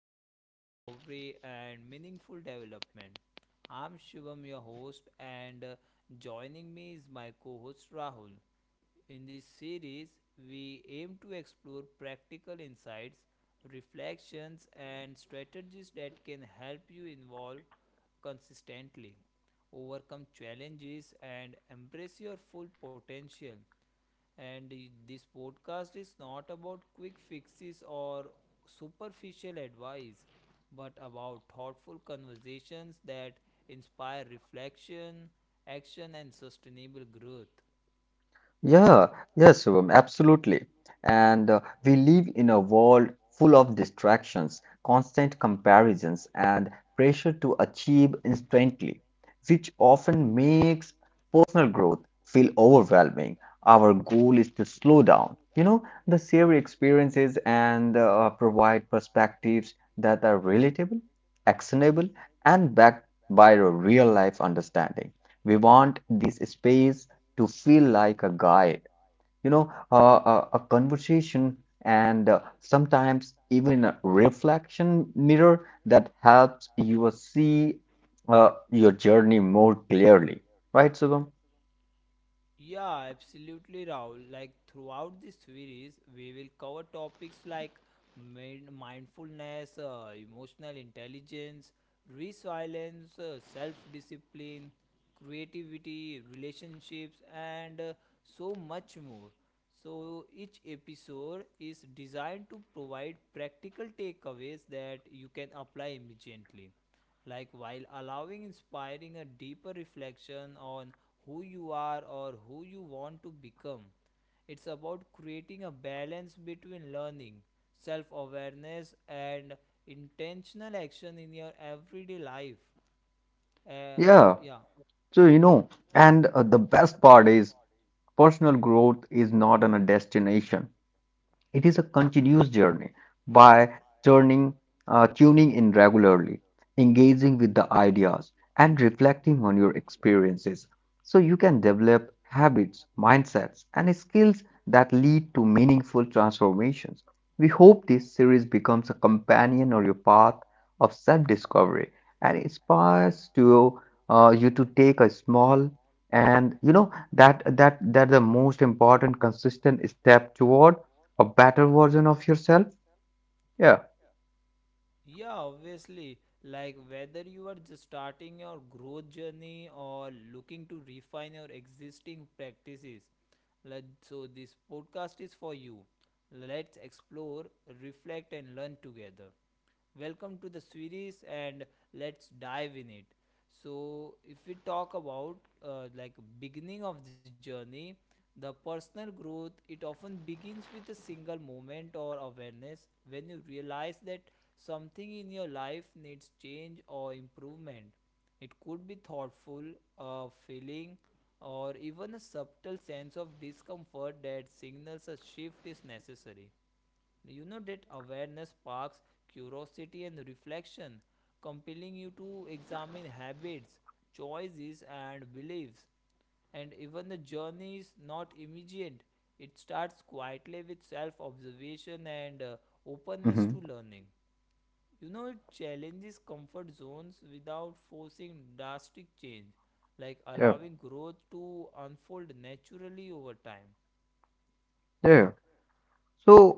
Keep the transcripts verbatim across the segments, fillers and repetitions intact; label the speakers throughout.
Speaker 1: self discovery, and meaningful development. I'm Shivam, your host, and uh, joining me is my co host Rahul. In this series, we aim to explore practical insights, reflections, and strategies that can help you evolve consistently, overcome challenges, and embrace your full potential. And this podcast is not about quick fixes or superficial advice, but about thoughtful conversations that inspire reflection, action, and sustainable growth.
Speaker 2: Yeah, yes, um, absolutely. And uh, we live in a world full of distractions, constant comparisons, and pressure to achieve instantly, which often makes personal growth feel overwhelming. Our goal is to slow down, you know, the share experiences and uh, provide perspectives that are relatable, actionable, and backed by a real life understanding. We want this space to feel like a guide, you know, uh, a, a conversation, and uh, sometimes even a reflection mirror that helps you see uh, your journey more clearly. Right, Shubham?
Speaker 1: Yeah, absolutely, Rahul. Like throughout this series, we will cover topics like min- mindfulness, uh, emotional intelligence, resilience, uh, self-discipline, creativity, relationships, and uh, so much more. So each episode is designed to provide practical takeaways that you can apply immediately, like while allowing inspiring a deeper reflection on who you are or who you want to become. It's about creating a balance between learning, self awareness, and intentional action in your everyday life. uh,
Speaker 2: Yeah.
Speaker 1: yeah
Speaker 2: So, you know, and uh, the best part is personal growth is not on a destination. It is a continuous journey by turning, uh, tuning in regularly, engaging with the ideas, and reflecting on your experiences so you can develop habits, mindsets, and skills that lead to meaningful transformations. We hope this series becomes a companion on your path of self discovery and inspires to uh, you to take a small and you know that that that the most important consistent step toward a better version of yourself? Yeah.
Speaker 1: Yeah, obviously. Like whether you are just starting your growth journey or looking to refine your existing practices. Let, so, this podcast is for you. Let's explore, reflect, and learn together. Welcome to the series, and let's dive in it. So, if we talk about uh, like beginning of the journey, the personal growth it often begins with a single moment or awareness when you realize that something in your life needs change or improvement. It could be thoughtful, a feeling, or even a subtle sense of discomfort that signals a shift is necessary. You know, that awareness sparks curiosity and reflection, compelling you to examine habits, choices, and beliefs. And even the journey is not immediate, it starts quietly with self observation and uh, openness to
Speaker 2: Mm-hmm.
Speaker 1: learning. You know, it challenges comfort zones without forcing drastic change, like
Speaker 2: Yeah.
Speaker 1: allowing growth to unfold naturally over time.
Speaker 2: Yeah. So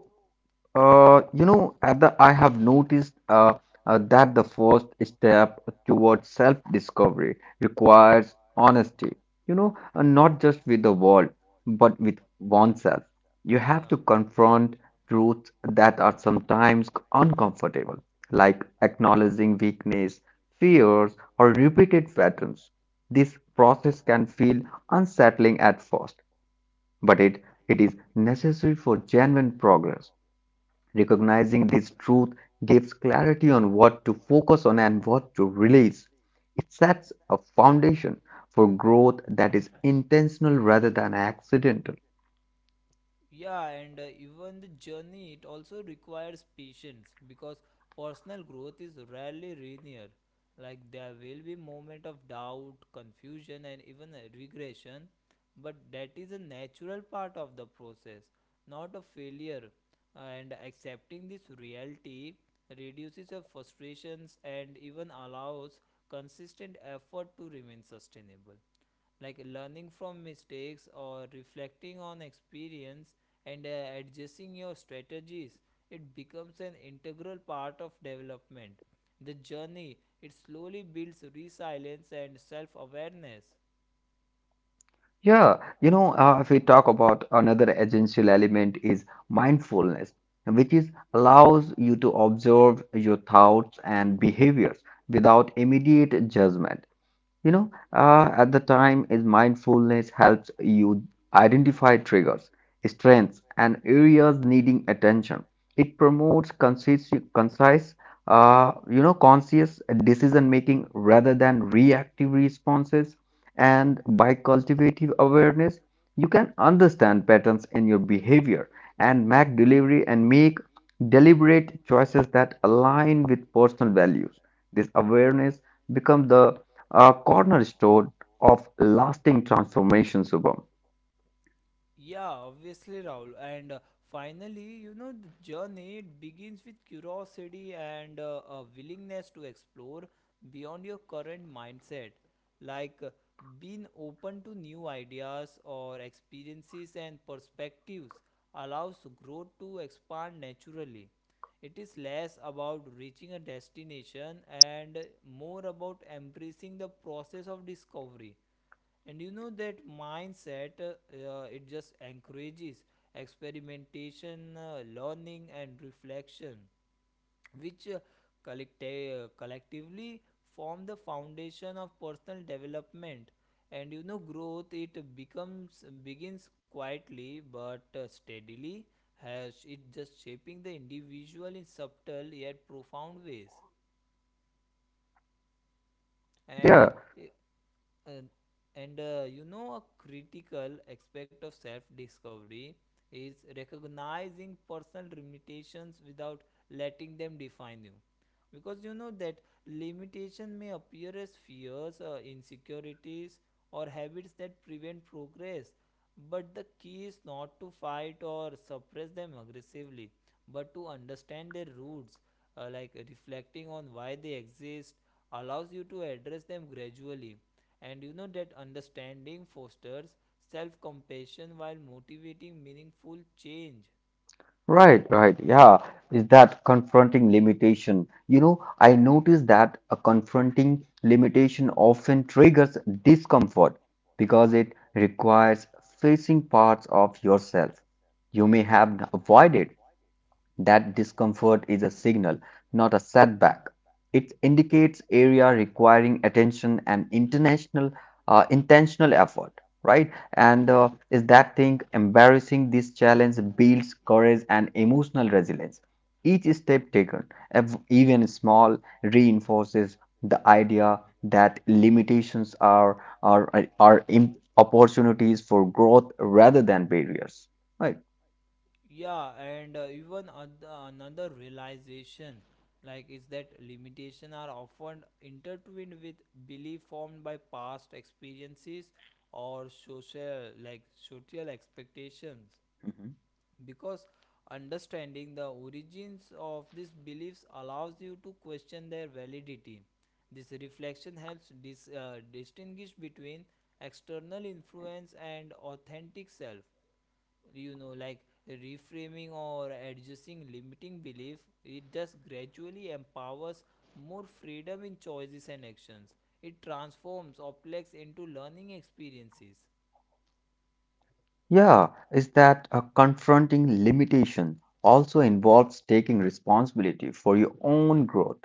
Speaker 2: Uh, you know, at the, I have noticed uh, uh, that the first step towards self-discovery requires honesty, you know, and not just with the world, but with oneself. You have
Speaker 1: Yeah.
Speaker 2: to confront truths that are sometimes uncomfortable, like acknowledging weakness, fears, or repeated patterns. This process can feel unsettling at first, but it, it is necessary for genuine progress. Recognizing this truth gives clarity on what to focus on and what to release. It sets a foundation for growth that is intentional rather than accidental.
Speaker 1: Yeah, and uh, even the journey, it also requires patience because personal growth is rarely linear. Like there will be moment of doubt, confusion, and even uh, regression, but that is a natural part of the process, not a failure. And accepting this reality reduces your frustrations and even allows consistent effort to remain sustainable, like learning from mistakes or reflecting on experience and uh, adjusting your strategies. It becomes an integral part of development. The journey it slowly builds resilience and self awareness.
Speaker 2: Yeah, you know, uh, if we talk about another essential element is mindfulness, which is allows you to observe your thoughts and behaviors without immediate judgment. You know, uh, at the time is mindfulness helps you identify triggers, strengths, and areas needing attention. It promotes concise, concise, uh, you know, conscious decision making rather than reactive responses. And by cultivative awareness, you can understand patterns in your behavior and make delivery and make deliberate choices that align with personal values. This awareness becomes the a cornerstone of lasting transformation, Subham.
Speaker 1: Yeah, obviously, Rahul. And uh, finally, you know, the journey it begins with curiosity and uh, a willingness to explore beyond your current mindset, like uh, being open to new ideas or experiences and perspectives allows growth to expand naturally. It is less about reaching a destination and more about embracing the process of discovery. And you know that mindset, uh, uh, it just encourages experimentation, uh, learning, and reflection, which uh, collect- uh, collectively form the foundation of personal development. And you know growth it becomes begins quietly but uh, steadily, has it just shaping the individual in subtle yet profound ways.
Speaker 2: Yeah,
Speaker 1: And uh, i- and, and uh, you know a critical aspect of self discovery is recognizing personal limitations without letting them define you, because you know that limitation may appear as fears, uh, insecurities, or habits that prevent progress. But the key is not to fight or suppress them aggressively, but to understand their roots. Uh, like reflecting on why they exist allows you to address them gradually, and you know that understanding fosters self compassion while motivating meaningful change.
Speaker 2: right, right. Yeah, is that confronting limitation. You know, I noticed that a confronting limitation often triggers discomfort because it requires facing parts of yourself you may have avoided. That discomfort is a signal, not a setback. It indicates area requiring attention and international uh, intentional effort, right? And uh, is that thing embarrassing this challenge builds courage and emotional resilience. Each step taken, ev- even small, reinforces the idea that limitations are are are are im- opportunities for growth rather than barriers, right?
Speaker 1: Yeah, and uh, even oth- another realization like is that limitation are often intertwined with belief formed by past experiences or social, like social expectations, because understanding the origins of these beliefs allows you to question their validity. This reflection helps dis- uh, distinguish between external influence and authentic self. You know, like reframing or adjusting limiting belief, it just gradually empowers more freedom in choices and actions. It transforms objects into learning experiences.
Speaker 2: Yeah, is that a confronting limitation also involves taking responsibility for your own growth.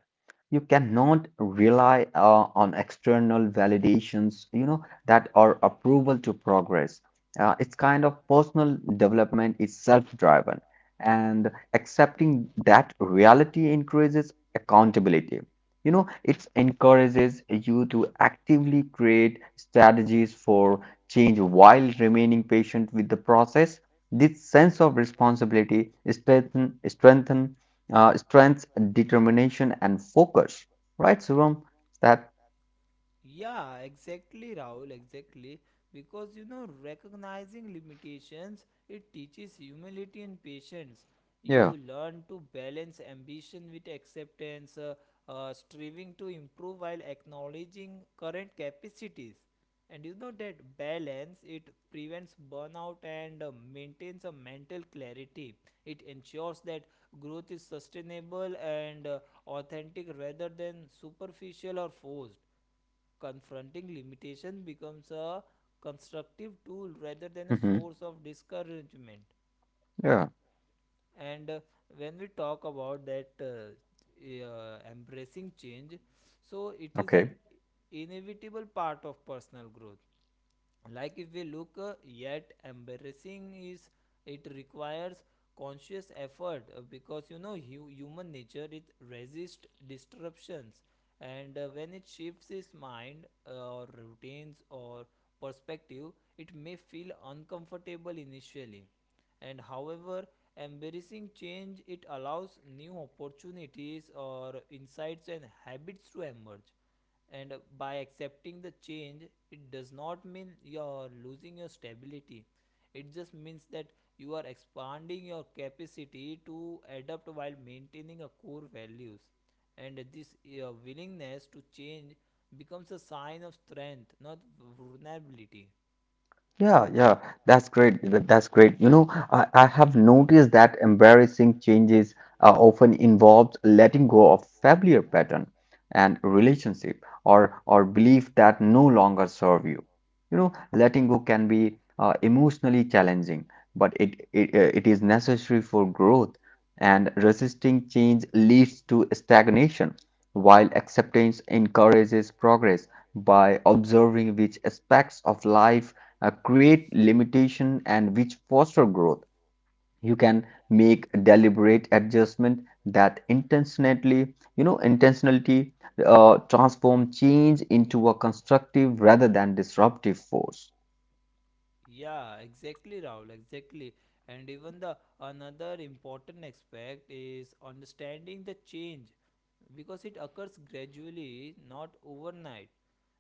Speaker 2: You cannot rely uh, on external validations, you know, that are approval to progress. Uh, it's kind of personal development is self-driven, and accepting that reality increases accountability. You know, it encourages you to actively create strategies for change while remaining patient with the process. This sense of responsibility strengthen, strengthen, uh, strengths determination and focus. Right, Shivam? Is That
Speaker 1: Yeah, exactly, Rahul, exactly. Because you know, recognizing limitations, it teaches humility and patience.
Speaker 2: yeah,
Speaker 1: You learn to balance ambition with acceptance, uh, uh, striving to improve while acknowledging current capacities. And you know that balance it prevents burnout and uh, maintains a mental clarity. It ensures that growth is sustainable and uh, authentic rather than superficial or forced. Confronting limitations becomes a constructive tool rather than a
Speaker 2: hmm
Speaker 1: source of discouragement.
Speaker 2: yeah,
Speaker 1: And uh, when we talk about that uh, uh, embracing change, so it is an
Speaker 2: okay.
Speaker 1: inevitable part of personal growth. Like if we look uh, yet embarrassing is, it requires conscious effort, uh, because you know hu- human nature it resists disruptions. And uh, when it shifts its mind, uh, or routines or perspective, it may feel uncomfortable initially. And however, embracing change, it allows new opportunities or insights and habits to emerge. And by accepting the change, it does not mean you're losing your stability. It just means that you are expanding your capacity to adapt while maintaining your core values. And this uh, willingness to change becomes a sign of strength, not vulnerability.
Speaker 2: Yeah, yeah, that's great. that- That's great. You know, I, I have noticed that embarrassing changes uh, often involves letting go of familiar pattern and relationship or or belief that no longer serve you. You know, letting go can be uh, emotionally challenging, but it, it uh, it is necessary for growth. And resisting change leads to stagnation, while acceptance encourages progress by observing which aspects of life uh, create limitation and which foster growth you can make deliberate adjustment that intentionally you know intentionality uh, transform change into a constructive rather than disruptive force.
Speaker 1: Yeah, exactly, Rahul, exactly. And even the another important aspect is understanding the change because it occurs gradually, not overnight.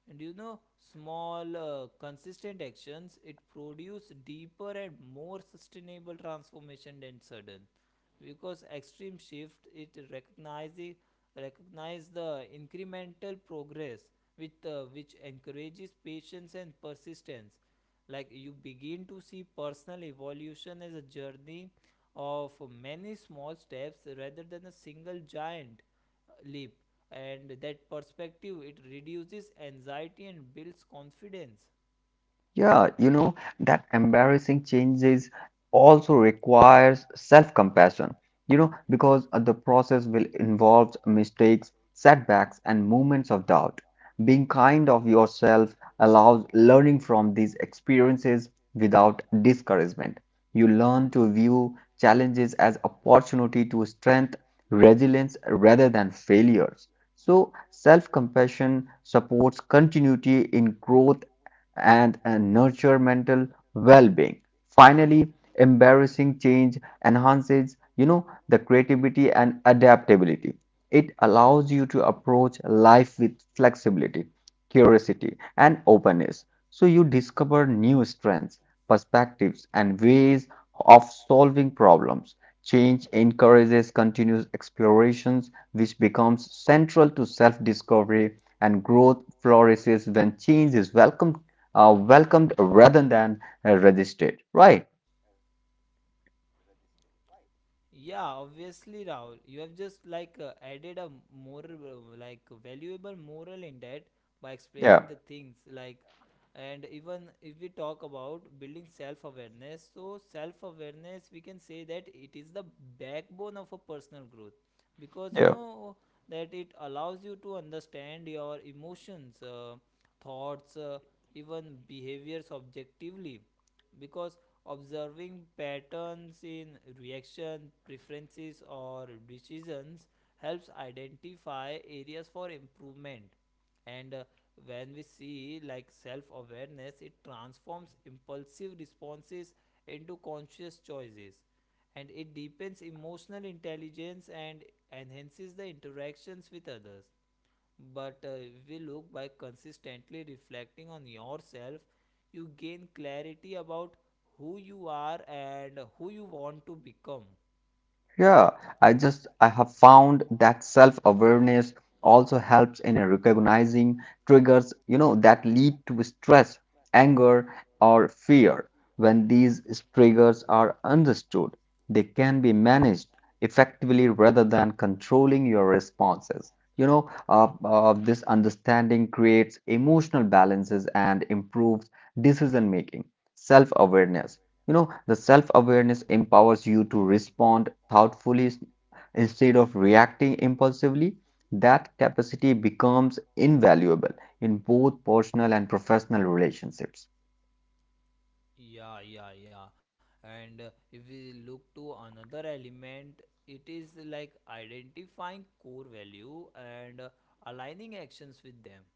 Speaker 1: And you know, small, uh, consistent actions it produce deeper and more sustainable transformation than sudden. Because extreme shift it recognizes recognize the incremental progress with uh, which encourages patience and persistence, like you begin to see personal evolution as a journey of many small steps rather than a single giant uh, leap. And that perspective it reduces anxiety and builds confidence.
Speaker 2: Yeah, you know, that embarrassing changes also requires self-compassion, you know, because uh, the process will involve mistakes, setbacks, and moments of doubt. Being kind of yourself allows learning from these experiences without discouragement. You learn to view challenges as opportunity to strengthen resilience rather than failures. So, self-compassion supports continuity in growth and uh, nurture mental well-being. Finally, embarrassing change enhances, you know, the creativity and adaptability. It allows you to approach life with flexibility, curiosity, and openness. So you discover new strengths, perspectives, and ways of solving problems. Change encourages continuous explorations, which becomes central to self discovery, and growth flourishes when change is welcomed uh, welcomed rather than uh, resisted, right?
Speaker 1: Yeah, obviously, Rahul. You have just like uh, added a more uh, like valuable moral in that by explaining the
Speaker 2: Yeah,
Speaker 1: things like, and even if we talk about building self-awareness, so self-awareness we can say that it is the backbone of a personal growth, because you
Speaker 2: yeah.
Speaker 1: know that it allows you to understand your emotions, uh, thoughts, uh, even behaviors objectively, because observing patterns in reaction, preferences, or decisions helps identify areas for improvement. And uh, when we see like self awareness, it transforms impulsive responses into conscious choices. And it deepens emotional intelligence and enhances the interactions with others. But uh, if you look by consistently reflecting on yourself, you gain clarity about who you are and who you want to become.
Speaker 2: Yeah, I just I have found that self-awareness also helps in recognizing triggers, you know, that lead to stress, anger, or fear. When these triggers are understood, they can be managed effectively rather than controlling your responses. You know, uh, uh, this understanding creates emotional balances and improves decision making. Self-awareness you know, the self-awareness empowers you to respond thoughtfully s- instead of reacting impulsively. That capacity becomes invaluable in both personal and professional relationships.
Speaker 1: Yeah, yeah, yeah. And uh, if we look to another element, it is like identifying core value and uh, aligning actions with them.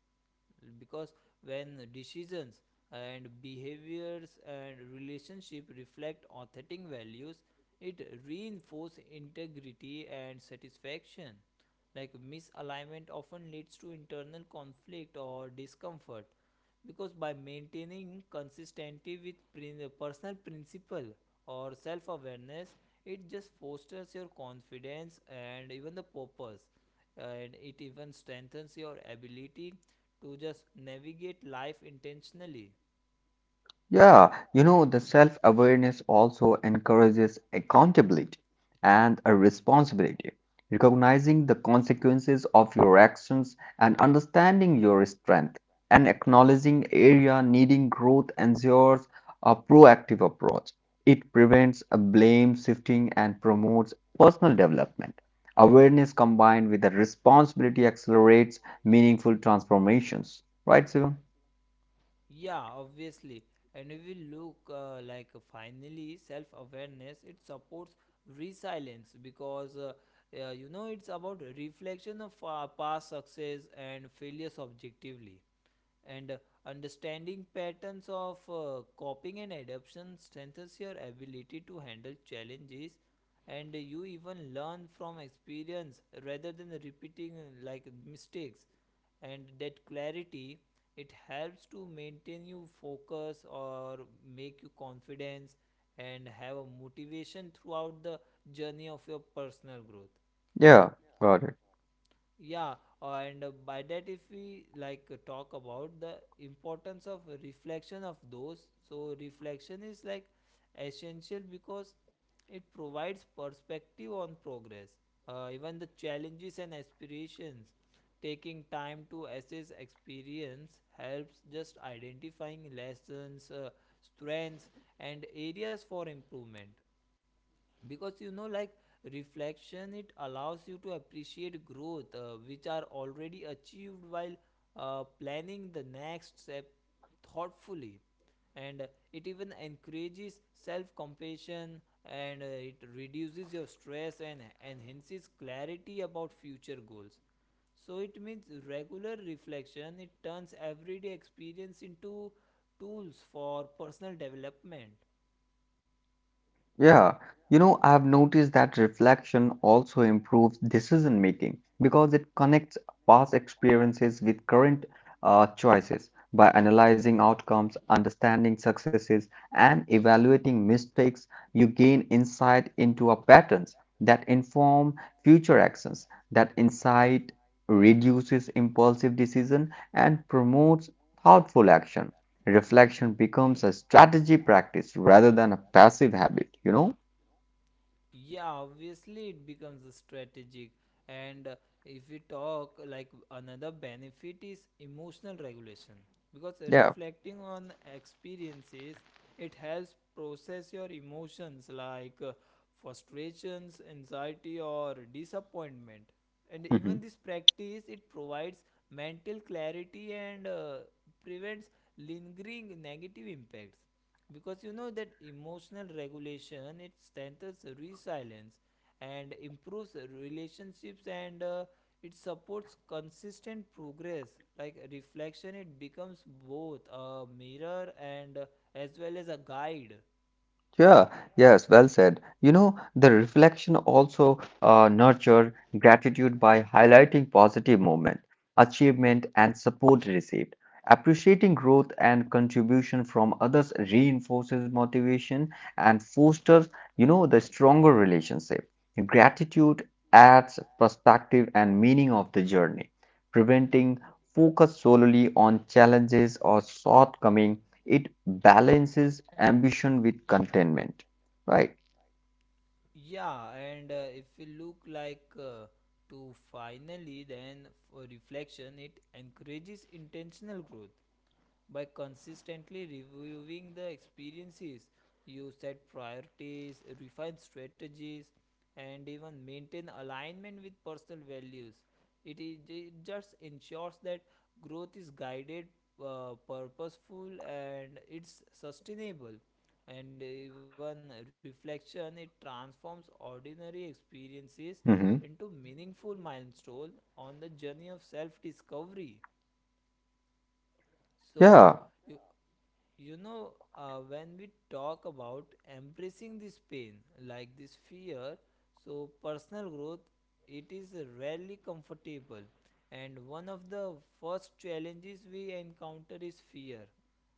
Speaker 1: Because when decisions and behaviors and relationship reflect authentic values, it reinforces integrity and satisfaction. Like misalignment often leads to internal conflict or discomfort, because by maintaining consistency with personal principle or self awareness, it just fosters your confidence and even the purpose, and it even strengthens your ability to just navigate life intentionally.
Speaker 2: Yeah, you know, the self-awareness also encourages accountability and a responsibility, recognizing the consequences of your actions and understanding your strength and acknowledging area needing growth ensures a proactive approach. It prevents a blame shifting and promotes personal development. Awareness combined with the responsibility accelerates meaningful transformations. Right, Sivam?
Speaker 1: Yeah, obviously. And if we look uh, like finally, self awareness, it supports resilience, because uh, uh, you know it's about reflection of uh, past success and failures objectively, and uh, understanding patterns of uh, coping and adaptation strengthens your ability to handle challenges. And you even learn from experience rather than repeating uh, like mistakes. And that clarity it helps to maintain you focus or make you confidence and have a motivation throughout the journey of your personal growth.
Speaker 2: Yeah, got it.
Speaker 1: Yeah, and uh, by that if we like uh, talk about the importance of reflection of those, so reflection is like essential because it provides perspective on progress, uh, even the challenges and aspirations. Taking time to assess experience helps just identifying lessons, uh, strengths, and areas for improvement, because you know like reflection it allows you to appreciate growth uh, which are already achieved while uh, planning the next step thoughtfully. And uh, it even encourages self compassion and uh, it reduces your stress and enhances clarity about future goals. So it means regular reflection it turns everyday experience into tools for personal development.
Speaker 2: Yeah, you know, I've noticed that reflection also improves decision making because it connects past experiences with current uh, choices. By analyzing outcomes, understanding successes, and evaluating mistakes, you gain insight into our patterns that inform future actions. That insight reduces impulsive decision and promotes thoughtful action. Reflection becomes a strategy practice rather than a passive habit, you know?
Speaker 1: Yeah, obviously it becomes a strategic. And uh, if we talk like another benefit is emotional regulation, because
Speaker 2: Yeah.
Speaker 1: reflecting on experiences it helps process your emotions, like uh, frustrations, anxiety, or disappointment. And even
Speaker 2: Mhm.
Speaker 1: this practice it provides mental clarity and uh, prevents lingering negative impacts, because you know that emotional regulation it strengthens resilience and improves relationships, and uh, it supports consistent progress. Like reflection it becomes both a mirror and uh, as well as a guide.
Speaker 2: Yeah, yes, well said. You know, the reflection also uh, nurture gratitude by highlighting positive moment, achievement, and support received. Appreciating growth and contribution from others reinforces motivation and fosters, you know, the stronger relationship. Gratitude adds perspective and meaning of the journey, preventing focus solely on challenges or shortcomings it balances ambition with contentment, right?
Speaker 1: Yeah, and uh, if we look like uh, to finally, then for reflection, it encourages intentional growth by consistently reviewing the experiences. You set priorities, refine strategies, and even maintain alignment with personal values. It, is, it just ensures that growth is guided, uh, purposeful, and it's sustainable. And even reflection it transforms ordinary experiences into
Speaker 2: Hmm.
Speaker 1: meaningful milestone on the journey of self discovery. So
Speaker 2: Yeah,
Speaker 1: you, you know uh, when we talk about embracing this pain, like this fear, so personal growth it is rarely comfortable. And one of the first challenges we encounter is fear.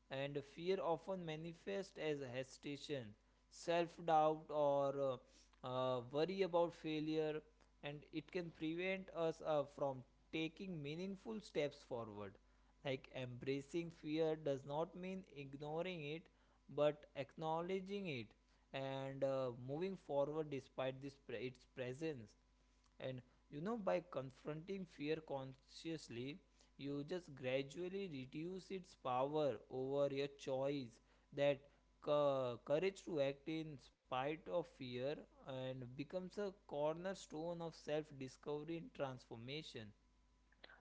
Speaker 1: And fear often manifests as hesitation, self doubt, or uh, uh, worry about failure, and it can prevent us uh, from taking meaningful steps forward. Like embracing fear does not mean ignoring it, but acknowledging it and uh, moving forward despite this pre- its presence. And you know, by confronting fear consciously, you just gradually reduce its power over your choice. That cou- courage to act in spite of fear and becomes a cornerstone of self discovery and transformation.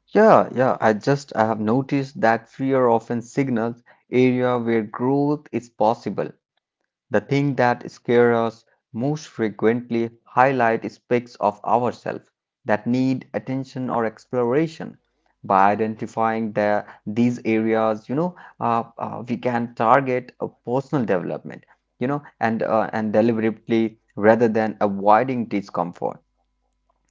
Speaker 2: yeah, yeah. I just I have noticed that fear often signals area where growth is possible. The thing that scare us most frequently highlight aspects of ourselves that need attention or exploration. By identifying the, these areas, you know, uh, uh, we can target a personal development, you know, and uh, and deliberately rather than avoiding discomfort.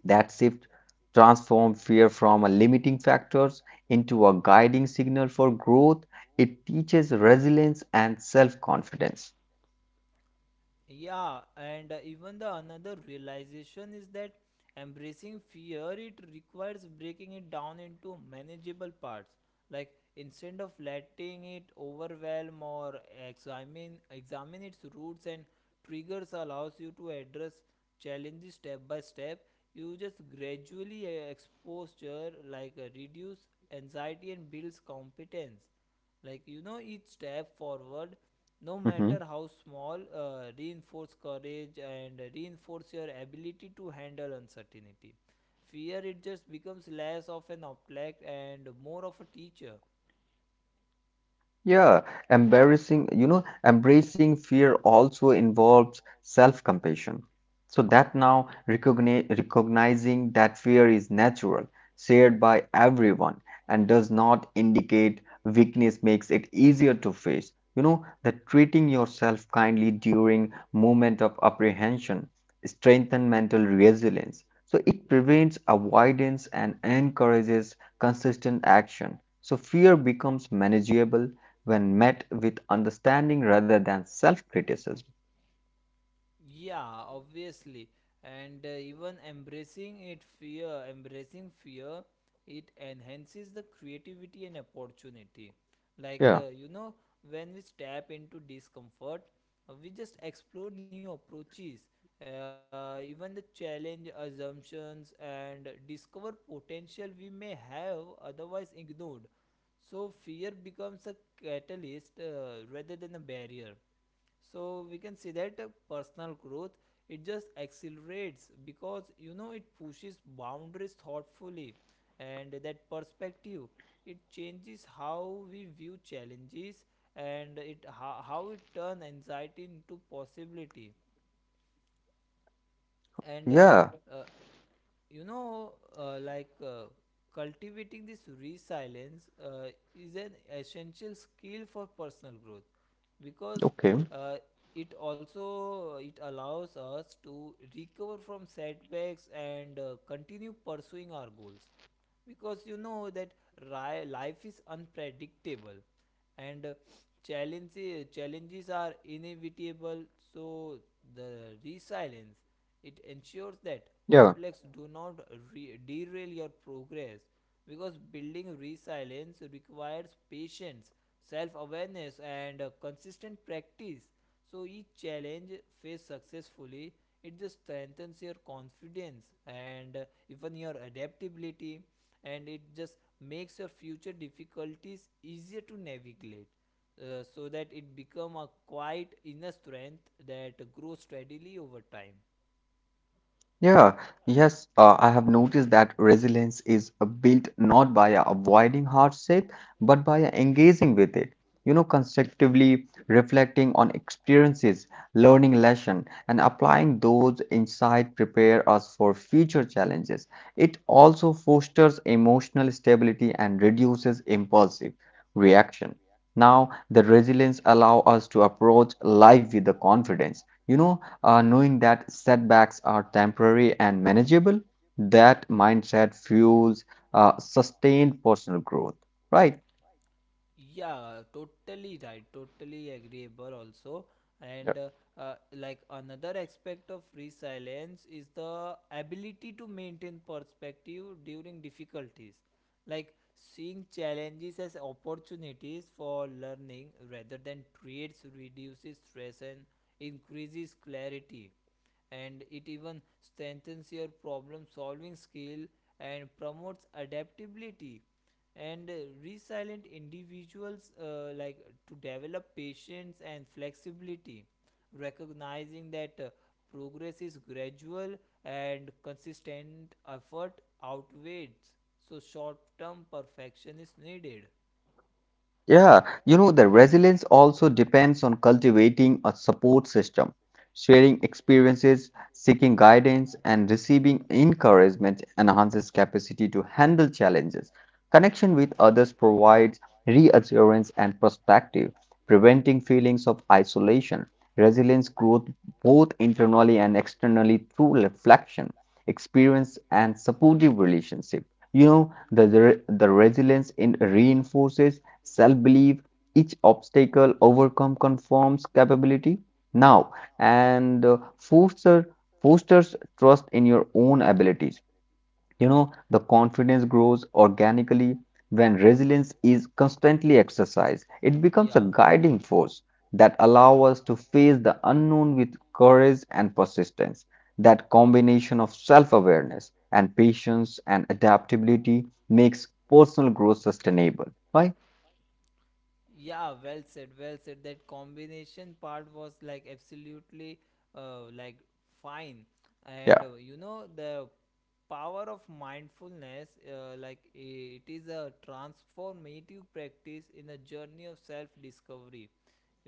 Speaker 2: That shift transform fear from a limiting factors into a guiding signal for growth. It teaches resilience and self-confidence.
Speaker 1: Yeah, and uh, even the another realization is that embracing fear it requires breaking it down into manageable parts. Like instead of letting it overwhelm or examine examine its roots and triggers allows you to address challenges step by step. You just gradually uh, expose like uh, reduce anxiety and builds competence like you know each step forward no
Speaker 2: Mm-hmm.
Speaker 1: matter how small, uh, reinforce courage and reinforce your ability to handle uncertainty. Fear it just becomes less of an object and more of a teacher.
Speaker 2: Yeah, embarrassing, you know, embracing fear also involves self-compassion. So that now recogni recognizing that fear is natural, shared by everyone, and does not indicate weakness makes it easier to face. You know, that treating yourself kindly during moment of apprehension strengthen mental resilience. So it prevents avoidance and encourages consistent action. So fear becomes manageable when met with understanding rather than self criticism.
Speaker 1: Yeah, obviously. And uh, even embracing it fear, embracing fear, it enhances the creativity and opportunity. Like,
Speaker 2: Yeah.
Speaker 1: uh, you know, when we step into discomfort, uh, we just explore new approaches, uh, even the challenge assumptions and discover potential we may have otherwise ignored. So, fear becomes a catalyst uh, rather than a barrier so we can see that uh, personal growth it just accelerates because you know it pushes boundaries thoughtfully, and that perspective it changes how we view challenges and it how, how it turn anxiety into possibility and uh,
Speaker 2: Yeah.
Speaker 1: uh, you know uh, like uh, cultivating this resilience uh, is an essential skill for personal growth because
Speaker 2: Okay.
Speaker 1: uh, it also it allows us to recover from setbacks and uh, continue pursuing our goals because you know that ri- life is unpredictable and uh, challenges challenges are inevitable so the resilience it ensures that
Speaker 2: Yeah.
Speaker 1: O P L E X do not re- derail your progress because building resilience requires patience, self awareness, and uh, consistent practice. So each challenge faced successfully, it just strengthens your confidence and uh, even your adaptability, and it just makes your future difficulties easier to navigate. Uh, so that it become a quiet inner strength that grows steadily over time.
Speaker 2: Yeah, yes, uh, I have noticed that resilience is uh, built not by uh, avoiding hardship, but by uh, engaging with it. You know, constructively reflecting on experiences, learning lesson, and applying those insight prepare us for future challenges. It also fosters emotional stability and reduces impulsive reaction. Now, the resilience allow us to approach life with the confidence. You know, uh, knowing that setbacks are temporary and manageable, that mindset fuels uh, sustained personal growth, right?
Speaker 1: Yeah, totally right, totally agreeable also. And uh, uh, like another aspect of resilience is the ability to maintain perspective during difficulties, like seeing challenges as opportunities for learning rather than threats reduces stress and increases clarity, and it even strengthens your problem solving skill and promotes adaptability and uh, resilient individuals uh, like to develop patience and flexibility, recognizing that uh, progress is gradual and consistent effort outweighs so short term perfection is needed.
Speaker 2: Yeah, you know, the resilience also depends on cultivating a support system, sharing experiences, seeking guidance, and receiving encouragement enhances capacity to handle challenges. Connection with others provides reassurance and perspective, preventing feelings of isolation. Resilience growth both internally and externally through reflection, experience, and supportive relationship. You know, the, the, the resilience in reinforces self-belief, each obstacle overcome conforms capability now and uh, foster, fosters trust in your own abilities. You know, the confidence grows organically when resilience is constantly exercised. It becomes a
Speaker 1: Yeah.
Speaker 2: guiding force that allows us to face the unknown with courage and persistence. That combination of self awareness and
Speaker 1: Awareness,
Speaker 2: patience and
Speaker 1: adaptations, and adaptability
Speaker 2: adaptability
Speaker 1: makes food
Speaker 2: makes personal growth sustainable. Right?
Speaker 1: sustainable, right? Yeah, well said, well said. That combination part was like absolutely uh, like fine, and
Speaker 2: Yeah.
Speaker 1: uh, you know the power of mindfulness, uh, like i- it is a transformative practice in the journey of self-discovery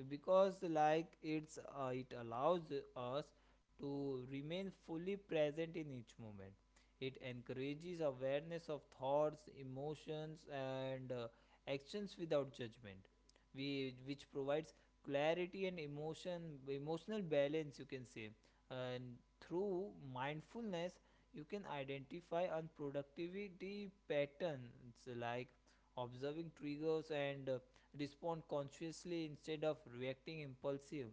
Speaker 1: because like it's uh, it allows us to remain fully present in each moment. It encourages awareness of thoughts, emotions, and uh, actions without judgment, we, which provides clarity and emotion emotional balance, you can say. And through mindfulness you can identify unproductivity patterns, like observing triggers and uh, respond consciously instead of reacting impulsive,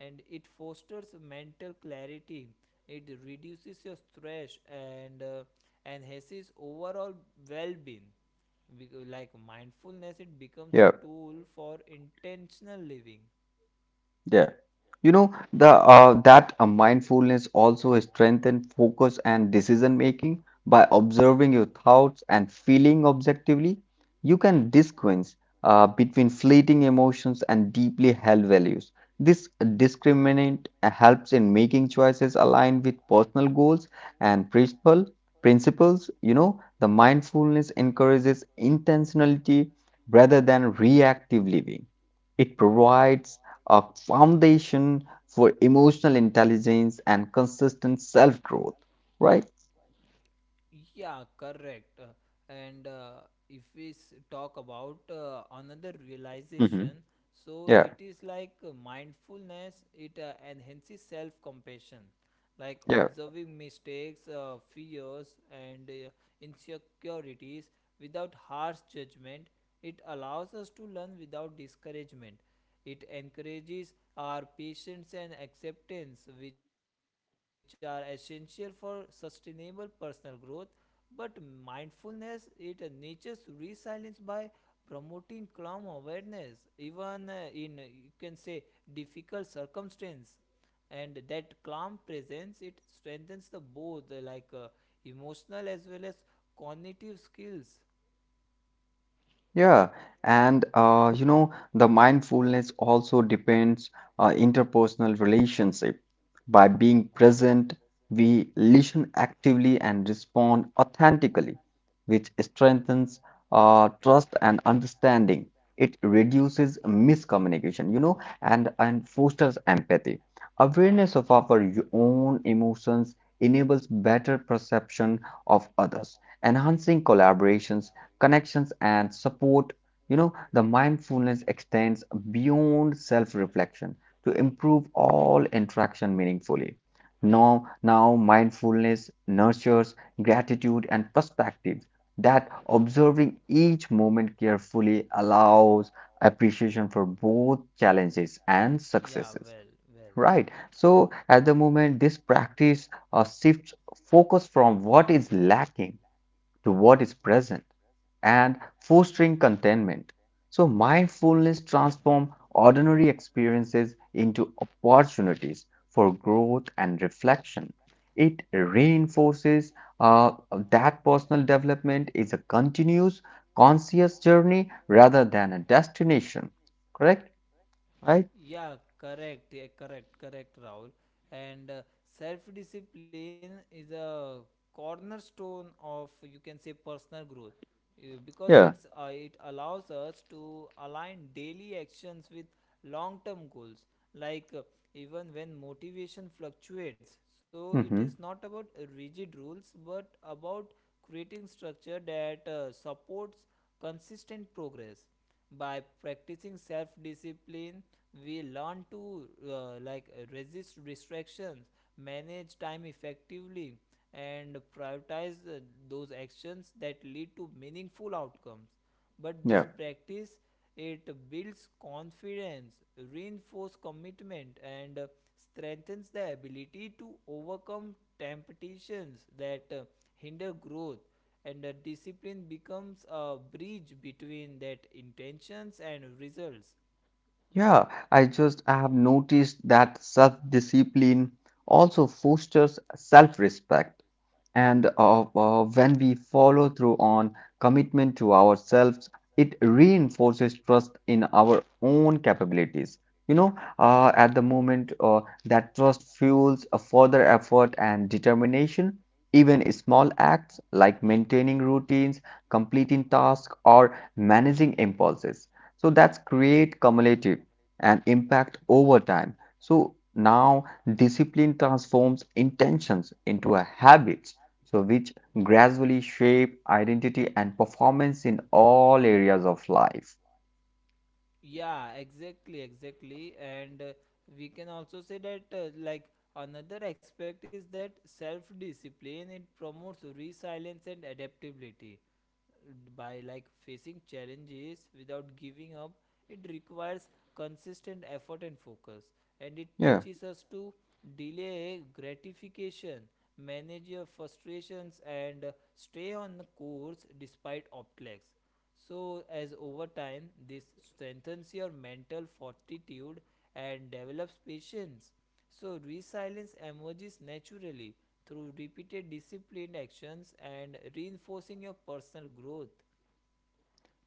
Speaker 1: and it fosters mental clarity, it reduces your stress and uh, enhances overall well-being. Bec- like mindfulness it becomes a
Speaker 2: Yeah,
Speaker 1: tool for intentional living.
Speaker 2: yeah. You know, the uh, that uh, mindfulness also strengthens focus and decision making by observing your thoughts and feeling objectively. You can distinguish uh, between fleeting emotions and deeply held values. This discriminant uh, helps in making choices aligned with personal goals and principle principles. You know, the mindfulness encourages intentionality rather than reactive living. It provides a foundation for emotional intelligence and consistent self growth, right?
Speaker 1: Yeah, correct. Uh, And uh, if we s- talk about uh, another
Speaker 2: Hmm.
Speaker 1: realization, so
Speaker 2: Yeah,
Speaker 1: it is like uh, mindfulness, it uh, enhances self compassion, like
Speaker 2: yeah.
Speaker 1: observing mistakes, uh, fears, and uh, insecurities without harsh judgment. It allows us to learn without discouragement. It encourages our patience and acceptance, which are essential for sustainable personal growth. But mindfulness, it nurtures resilience by promoting calm awareness, even uh, in you can say difficult circumstance. And that calm presence, it strengthens the both uh, like uh, emotional as well as cognitive skills.
Speaker 2: Yeah, and uh, you know, the mindfulness also depends uh, interpersonal relationship. By being present, we listen actively and respond authentically, which strengthens uh, trust and understanding. It reduces miscommunication, you know, and, and fosters empathy. Awareness of our y- own emotions enables better perception of others, enhancing collaborations connections and support you know the mindfulness extends beyond self-reflection to improve all interaction meaningfully now now mindfulness nurtures gratitude and perspective that observing each moment carefully allows appreciation for both challenges and successes
Speaker 1: Yeah, well, well.
Speaker 2: right so at the moment this practice uh, shifts focus from what is lacking to what is present and fostering contentment. So, mindfulness transforms ordinary experiences into opportunities for growth and reflection. It reinforces uh, that personal development is a continuous, conscious journey rather than a destination. Correct? Right?
Speaker 1: Yeah, correct. Yeah, correct, correct, Rahul. And uh, self-discipline is a cornerstone of you can say personal growth uh, because
Speaker 2: Yeah.
Speaker 1: it's uh, it allows us to align daily actions with long-term goals. Like uh, even when motivation fluctuates, so it is
Speaker 2: Mm-hmm.
Speaker 1: not about rigid rules but about creating structure that uh, supports consistent progress. By practicing self discipline we learn to uh, like resist distractions, manage time effectively, and prioritize uh, those actions that lead to meaningful outcomes, but this
Speaker 2: Yeah.
Speaker 1: practice it builds confidence, reinforces commitment, and uh, strengthens the ability to overcome temptations that uh, hinder growth, and the discipline becomes a bridge between that intentions and results.
Speaker 2: Yeah. I just I have noticed that self discipline also fosters self respect. And uh, uh, when we follow through on commitment to ourselves, it reinforces trust in our own capabilities. You know, uh, at the moment, uh, that trust fuels a further effort and determination. Even small acts like maintaining routines, completing tasks, or managing impulses. So that's create cumulative and impact over time. So now discipline transforms intentions into a habit so which gradually shape identity and performance in all areas of life.
Speaker 1: Yeah, exactly, exactly. And uh, we can also say that, uh, like, another aspect is that self discipline it promotes resilience and adaptability by like facing challenges without giving up. It requires consistent effort and focus and it
Speaker 2: Yeah.
Speaker 1: teaches us to delay gratification, manage your frustrations, and uh, stay on the course despite obstacles, so, as over time, this strengthens your mental fortitude and develops patience. So, resilience emerges naturally through repeated disciplined actions and reinforcing your personal growth.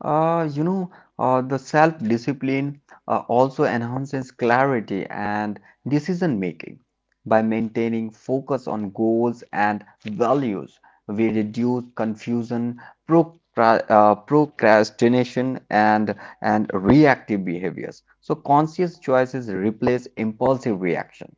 Speaker 2: Uh, you know, uh, the self-discipline uh, also enhances clarity and decision making. By maintaining focus on goals and values, we reduce confusion, procra- uh, procrastination, and and reactive behaviors. So conscious choices replace impulsive reaction.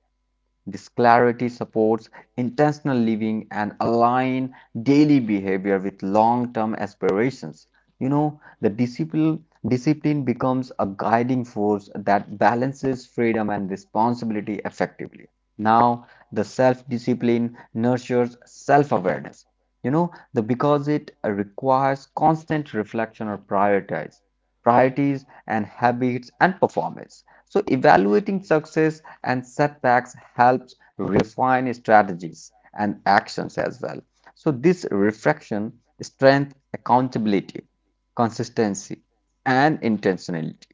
Speaker 2: This clarity supports intentional living and align daily behavior with long-term aspirations. You know, the discipline discipline becomes a guiding force that balances freedom and responsibility effectively. Now, the self-discipline nurtures self-awareness. You know, the because it requires constant reflection or prioritize priorities and habits and performance. So evaluating success and setbacks helps refine strategies and actions as well. So this reflection strength accountability, consistency, and intentionality.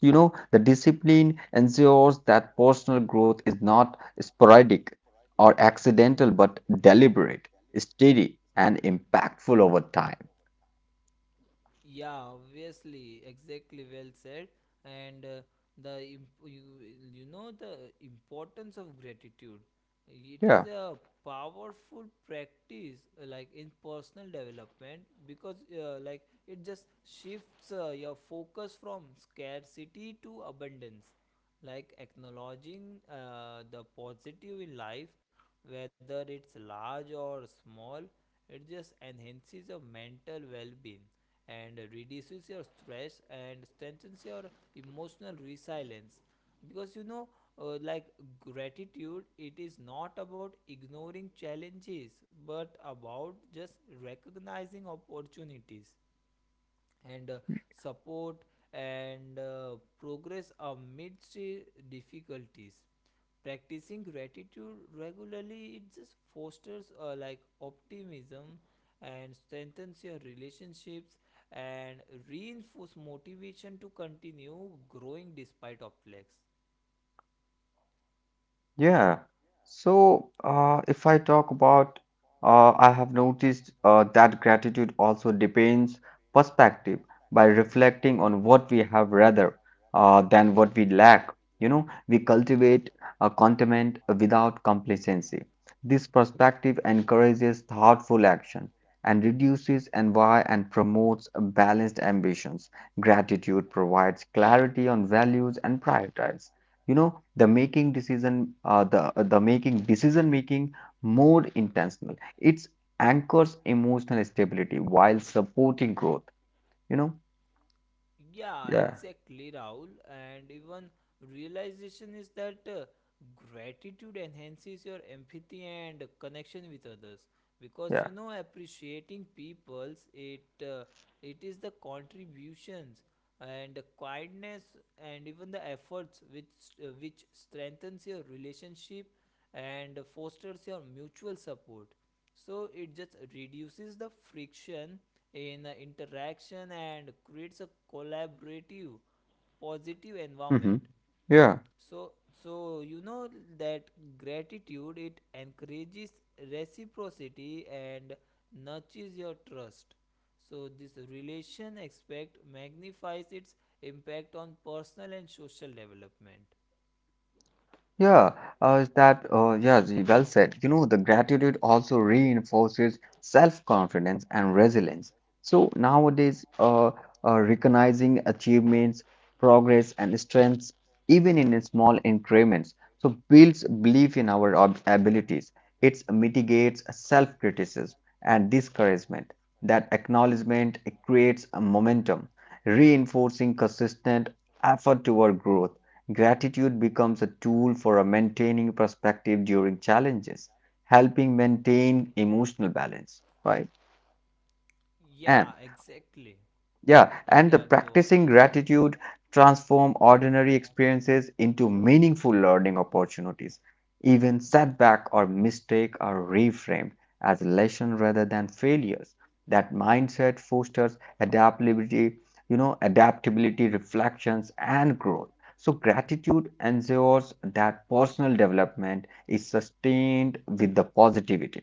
Speaker 2: You know, the discipline ensures that personal growth is not sporadic or accidental but deliberate, steady, and impactful over time.
Speaker 1: Yeah, obviously, exactly, well said. And uh, the imp- you, you know the importance of gratitude. It is
Speaker 2: Yeah.
Speaker 1: a powerful practice uh, like in personal development because uh, like it just shifts uh, your focus from scarcity to abundance. Like acknowledging uh, the positive in life, whether it's large or small, it just enhances your mental well-being and reduces your stress and strengthens your emotional resilience because you know uh, like gratitude it is not about ignoring challenges but about just recognizing opportunities and uh, support and uh, progress amidst uh, difficulties. Practicing gratitude regularly it just fosters uh, like optimism and strengthens your relationships and reinforce motivation to continue growing despite obstacles.
Speaker 2: Yeah. So, uh, if I talk about, uh, I have noticed uh, that gratitude also depends perspective by reflecting on what we have rather uh, than what we lack. You know, we cultivate a contentment without complacency. This perspective encourages thoughtful action and reduces envy and promotes balanced ambitions. Gratitude provides clarity on values and priorities, you know, the making decision uh, the uh, the making decision making more intentional. It anchors emotional stability while supporting growth, you know.
Speaker 1: Yeah,
Speaker 2: Yeah,
Speaker 1: exactly, Rahul. And even realization is that uh, gratitude enhances your empathy and connection with others because you
Speaker 2: yeah.
Speaker 1: know appreciating people's it uh, it is the contributions and the kindness and even the efforts which uh, which strengthens your relationship and fosters your mutual support, so it just reduces the friction in the interaction and creates a collaborative positive
Speaker 2: Hmm.
Speaker 1: environment.
Speaker 2: Yeah.
Speaker 1: So so you know that gratitude it encourages reciprocity and nurtures your trust, so this relation aspect magnifies its impact on personal and social development.
Speaker 2: Yeah, uh, is that uh, yeah, Z- well said. You know, the gratitude also reinforces self-confidence and resilience. So nowadays, uh, uh, recognizing achievements, progress, and strengths, even in small increments, so builds belief in our ab- abilities. It mitigates self-criticism and discouragement. That acknowledgement creates a momentum, reinforcing consistent effort toward growth. Gratitude becomes a tool for a maintaining perspective during challenges, helping maintain emotional balance, right? And
Speaker 1: Yeah, exactly.
Speaker 2: yeah, and the
Speaker 1: Yeah, go on.
Speaker 2: practicing gratitude transform ordinary experiences into meaningful learning opportunities. Even setback or mistake are reframed as lesson rather than failures. That mindset fosters adaptability, you know, adaptability, reflections, and growth. So gratitude ensures that personal development is sustained with the positivity,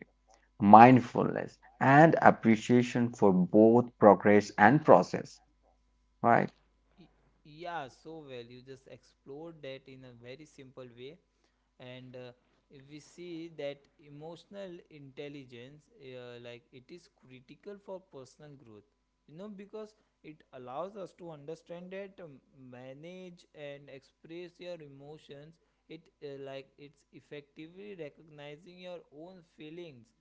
Speaker 2: mindfulness, and appreciation for both progress and process. Right.
Speaker 1: Yeah, so well. You just explored that in a very simple way. And uh, if we see that emotional intelligence, uh, like it is critical for personal growth, you know, because it allows us to understand that um, manage and express your emotions. It uh, like it's effectively recognizing your own feelings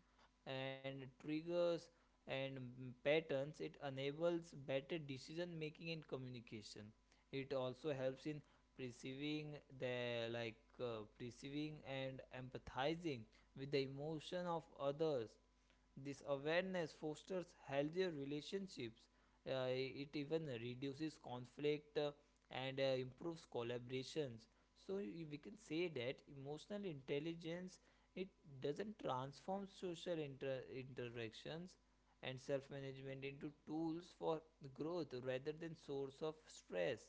Speaker 1: and triggers and patterns, it enables better decision making and communication. It also helps in perceiving the like uh, perceiving and empathizing with the emotion of others. This awareness fosters healthier relationships. Uh, it even reduces conflict uh, and uh, improves collaborations. So y- we can say that emotional intelligence it doesn't transform social inter- interactions and self-management into tools for growth rather than source of stress.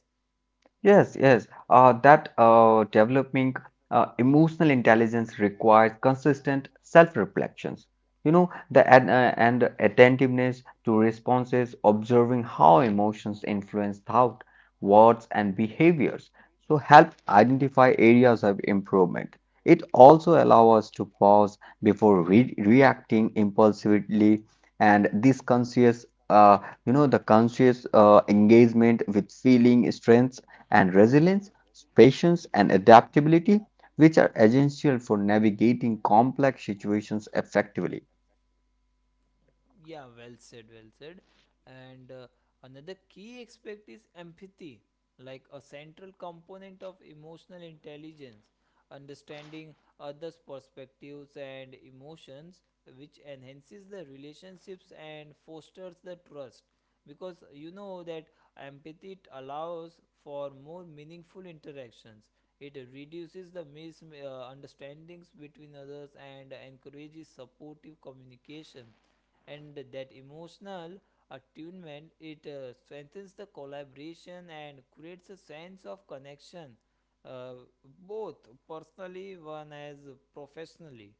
Speaker 2: Yes, yes. Uh, that uh, developing uh, emotional intelligence requires consistent self-reflections. You know, the and, uh, and attentiveness to responses, observing how emotions influence thought, words, and behaviors. So help identify areas of improvement. It also allows us to pause before re reacting impulsively, and this conscious, uh, you know, the conscious uh, engagement with feeling strengths and resilience, patience, and adaptability, which are essential for navigating complex situations effectively.
Speaker 1: Yeah, well said, well said. And uh, another key aspect is empathy, like a central component of emotional intelligence, understanding others perspectives and emotions which enhances the relationships and fosters the trust, because you know that empathy it allows for more meaningful interactions. It reduces the misunderstandings between others and encourages supportive communication, and that emotional attunement it uh, strengthens the collaboration and creates a sense of connection, uh, both personally one as professionally.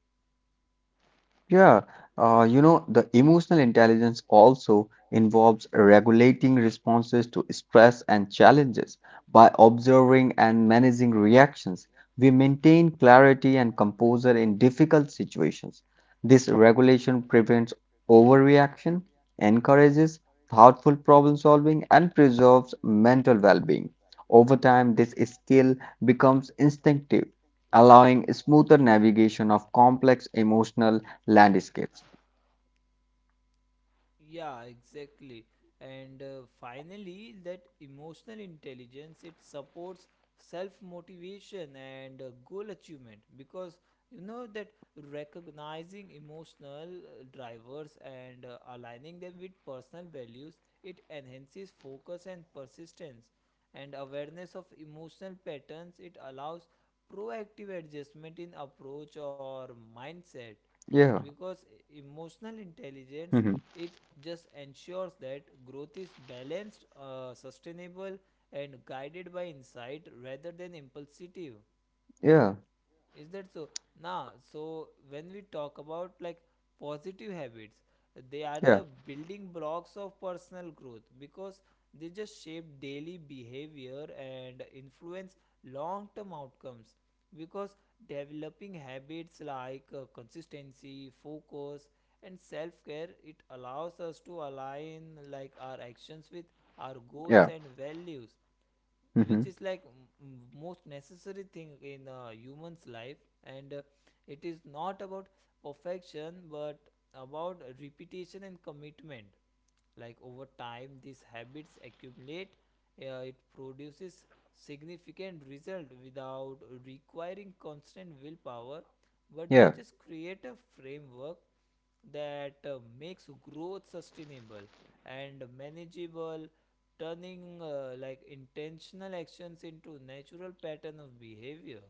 Speaker 2: Yeah, uh, you know, the emotional intelligence also involves regulating responses to stress and challenges. By observing and managing reactions, we maintain clarity and composure in difficult situations. This regulation prevents overreaction, encourages thoughtful problem solving, and preserves mental well being. Over time, this skill becomes instinctive, allowing smoother navigation of complex emotional landscapes.
Speaker 1: Yeah, exactly. And uh, finally, that emotional intelligence it supports self motivation and uh, goal achievement because you know that recognizing emotional uh, drivers and uh, aligning them with personal values, it enhances focus and persistence, and awareness of emotional patterns it allows proactive adjustment in approach or mindset,
Speaker 2: Yeah.
Speaker 1: because emotional intelligence
Speaker 2: Hmm.
Speaker 1: it just ensures that growth is balanced, uh, sustainable, and guided by insight rather than impulsive.
Speaker 2: Yeah.
Speaker 1: Is that so. Nah, so when we talk about like positive habits, they are
Speaker 2: Yeah.
Speaker 1: the building blocks of personal growth because they just shape daily behavior and influence long term outcomes, because developing habits like uh, consistency, focus, and self-care, it allows us to align like our actions with our
Speaker 2: Yeah.
Speaker 1: goals and values,
Speaker 2: Hmm.
Speaker 1: which is like m- m- most necessary thing in a human's life. And uh, it is not about perfection but about repetition and commitment. Like over time these habits accumulate, uh, it produces significant result without requiring constant willpower, but
Speaker 2: Yeah.
Speaker 1: they just create a framework that uh, makes growth sustainable and manageable, turning uh, like intentional actions into natural pattern of behavior.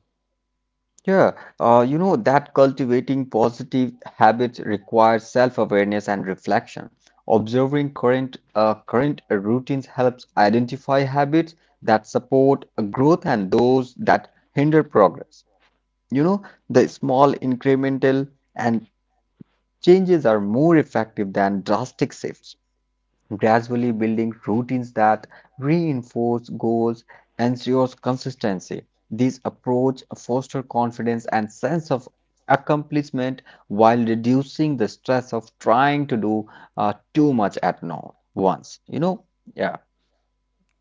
Speaker 2: Yeah. Uh, you know that cultivating positive habits requires self-awareness and reflection. Observing current uh, current routines helps identify habits that support growth and those that hinder progress. You know, the small incremental and changes are more effective than drastic shifts. Gradually building routines that reinforce goals, ensures consistency. This approach fosters confidence and sense of accomplishment while reducing the stress of trying to do uh, too much at no, once. You know, yeah.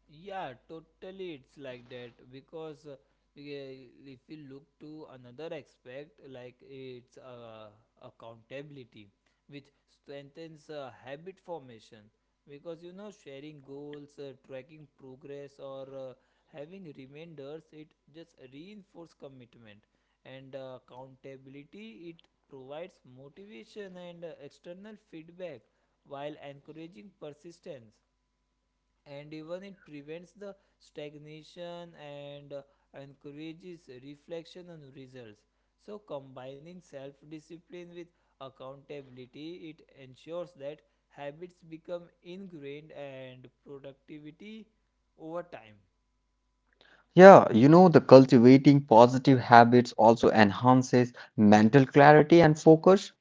Speaker 1: Yeah, totally. It's like that because uh, yeah, if you look to another aspect, like it's uh, accountability, which strengthens uh, habit formation. Because you know, sharing goals, uh, tracking progress, or uh, having reminders, it just reinforces commitment. And uh, accountability, it provides motivation and uh, external feedback while encouraging persistence, and even it prevents the stagnation and uh, encourages reflection on results. So combining self discipline with accountability it ensures that habits become ingrained and productivity over time.
Speaker 2: Yeah, you know, the cultivating positive habits also enhances mental clarity and focus.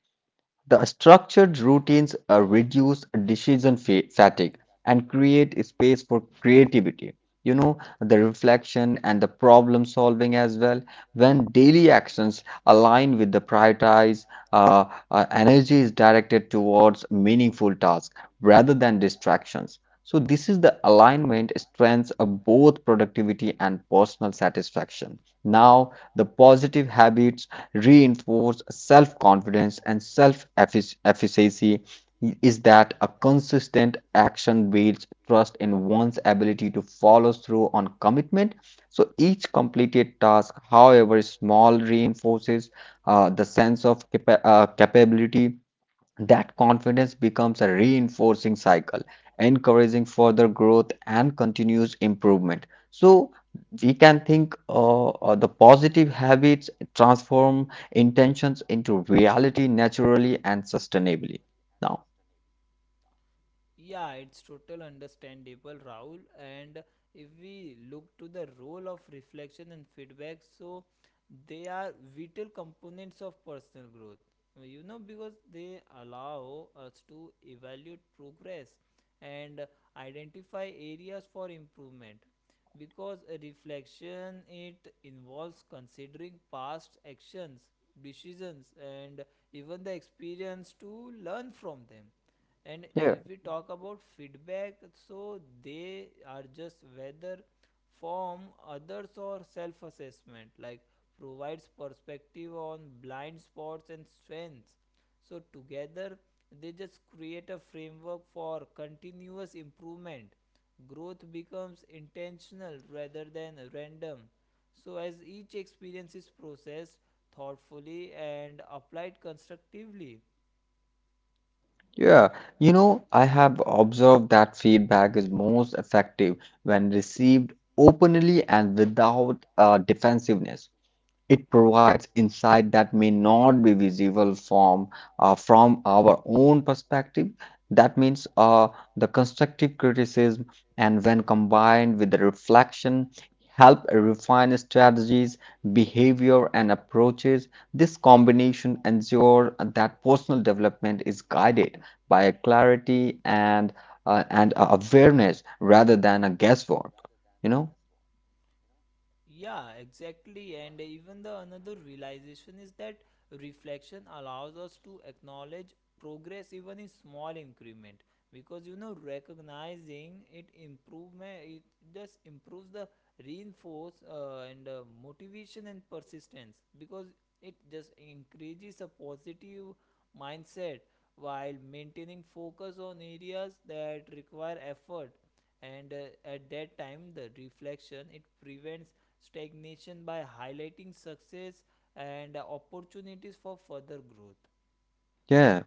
Speaker 2: The structured routines uh, reduce decision fa- fatigue and create space for creativity. You know, the reflection and the problem solving as well. When daily actions align with the prioritize, uh, uh, energy is directed towards meaningful tasks rather than distractions. So, this is the alignment strengths of both productivity and personal satisfaction. Now, the positive habits reinforce self-confidence and self-efficacy is that a consistent action builds trust in one's ability to follow through on commitment. So each completed task, however small, reinforces uh, the sense of capa- uh, capability. That confidence becomes a reinforcing cycle, encouraging further growth and continuous improvement. So, we can think uh, uh, the positive habits transform intentions into reality naturally and sustainably. Now,
Speaker 1: Yeah, it's total understandable, Rahul. And if we look to the role of reflection and feedback, so they are vital components of personal growth. You know, because they allow us to evaluate progress and identify areas for improvement. Because a reflection it involves considering past actions, decisions, and even the experience to learn from them. And
Speaker 2: yeah,
Speaker 1: if we talk about feedback, so they are just whether from others or self assessment, like, provides perspective on blind spots and strengths. So together they just create a framework for continuous improvement. Growth becomes intentional rather than random, so as each experience is processed thoughtfully and applied constructively.
Speaker 2: yeah, you know, I have observed that feedback is most effective when received openly and without uh, defensiveness. It provides insight that may not be visible from uh, from our own perspective. That means uh, the constructive criticism, and when combined with the reflection, help refine strategies, behavior, and approaches. This combination ensures that personal development is guided by a clarity and uh, and a awareness rather than a guesswork. You know?
Speaker 1: Yeah, exactly. And even the another realization is that reflection allows us to acknowledge progress even in small increment, because you know recognizing it improvement it just improves the reinforce uh, and uh, motivation and persistence, because it just increases a positive mindset while maintaining focus on areas that require effort. And uh, at that time the reflection it prevents stagnation by highlighting success and uh, opportunities for further growth.
Speaker 2: Yeah.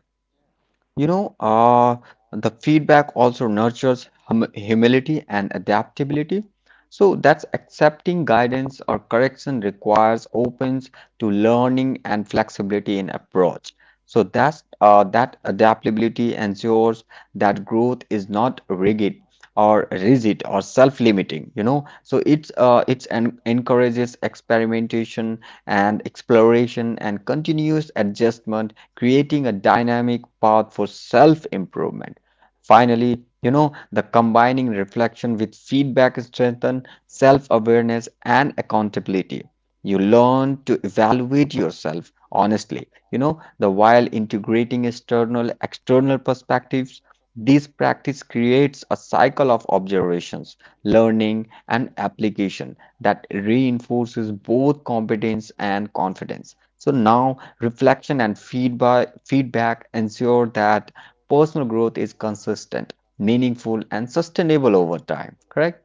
Speaker 2: You know, uh, the feedback also nurtures hum humility and adaptability. So that's accepting guidance or correction requires opens to learning and flexibility in approach. So that's uh, that adaptability ensures that growth is not rigid or rigid or self-limiting. You know, so it's uh, it's en encourages experimentation and exploration and continuous adjustment creating a dynamic path for self improvement. Finally, you know, the combining reflection with feedback strengthen self awareness and accountability. You learn to evaluate yourself honestly, you know, the while integrating external external perspectives. This practice creates a cycle of observations, learning, and application that reinforces both competence and confidence. So now reflection and feedback, feedback ensure that personal growth is consistent, meaningful, and sustainable over time. Correct?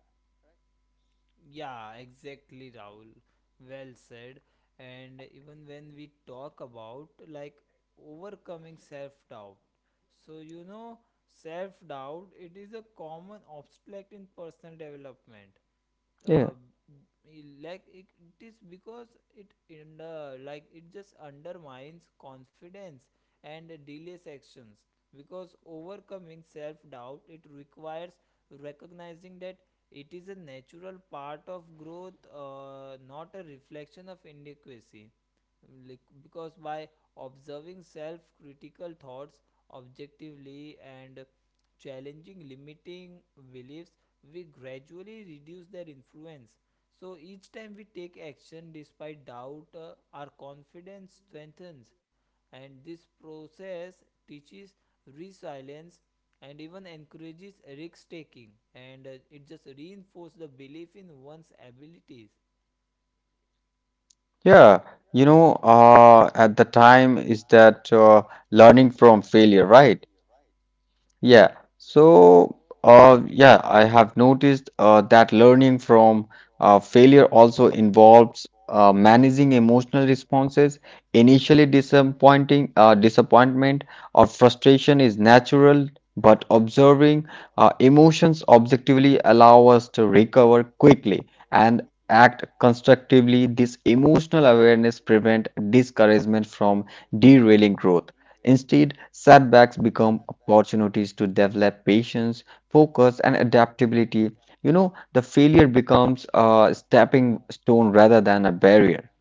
Speaker 1: Yeah, exactly, Rahul, well said. And even when we talk about, like, overcoming self doubt, so you know, self doubt it is a common obstacle in personal development.
Speaker 2: Yeah.
Speaker 1: uh, like it, it is because it in uh, like it just undermines confidence and delays actions, because overcoming self doubt it requires recognizing that it is a natural part of growth, uh, not a reflection of inadequacy, like, because by observing self critical thoughts objectively and challenging limiting beliefs we gradually reduce their influence. So each time we take action despite doubt, uh, our confidence strengthens, and this process teaches resilience and even encourages risk taking, and uh, it just reinforces the belief in one's abilities.
Speaker 2: Yeah. You know, uh, at the time is that uh, learning from failure, right? Yeah. So, uh, yeah, I have noticed uh, that learning from uh, failure also involves uh, managing emotional responses. Initially, disappointing, uh, disappointment or frustration is natural, but observing uh, emotions objectively allow us to recover quickly and act constructively. This emotional awareness prevent discouragement from derailing growth. Instead, setbacks become opportunities to develop patience, focus, and adaptability. You know, the failure becomes a stepping stone rather than a barrier,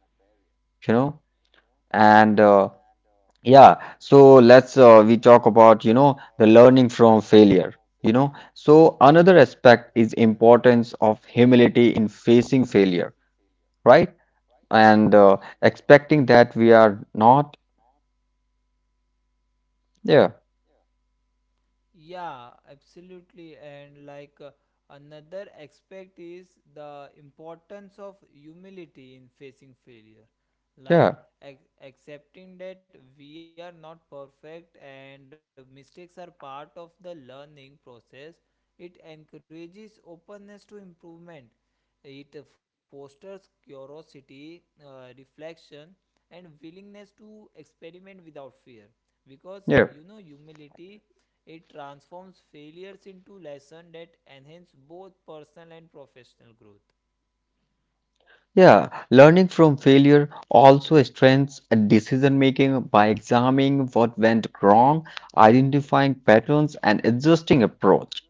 Speaker 2: you know, and uh, yeah, so let's uh, we talk about, you know, the learning from failure. You know, so another aspect is importance of humility in facing failure, right? And uh, expecting that we are not, yeah,
Speaker 1: Yeah, absolutely. And like, uh, another aspect is the importance of humility in facing failure.
Speaker 2: yeah,
Speaker 1: Like, ac- accepting that we are not perfect and mistakes are part of the learning process, it encourages openness to improvement. It fosters curiosity, uh, reflection, and willingness to experiment without fear. Because
Speaker 2: yeah.
Speaker 1: you know, humility, it transforms failures into lessons that enhance both personal and professional growth.
Speaker 2: Yeah, learning from failure also strengthens decision making by examining what went wrong, identifying patterns, and adjusting approach.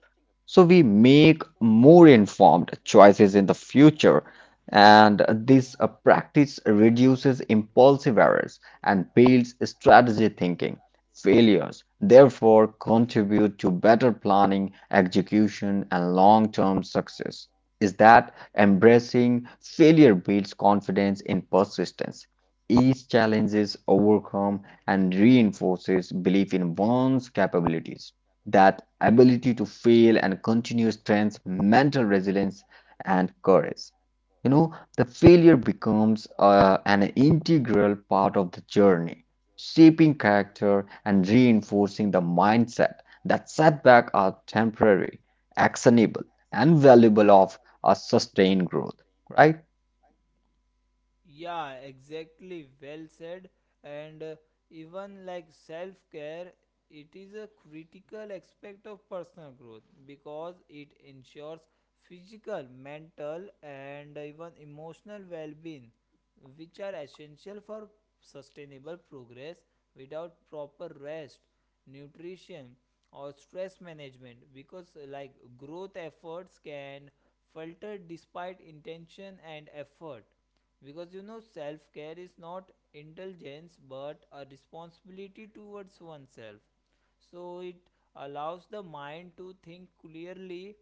Speaker 2: So we make more informed choices in the future, and this uh, practice reduces impulsive errors and builds strategy thinking. Failures, therefore, contribute to better planning, execution, and long term success. Is that embracing failure builds confidence in persistence. Each challenge is overcome and reinforces belief in one's capabilities. That ability to fail and continue strengths mental resilience and courage. You know, the failure becomes uh, an integral part of the journey, shaping character and reinforcing the mindset that setbacks are temporary, actionable, and valuable a sustained growth, right?
Speaker 1: Yeah, exactly. Well said. And uh, even like self care, it is a critical aspect of personal growth because it ensures physical, mental, and even emotional well being, which are essential for sustainable progress without proper rest, nutrition, or stress management. Because, uh, like, growth efforts can falter despite intention and effort, because you know self care is not indulgence but a responsibility towards oneself. So it allows the mind to think clearly,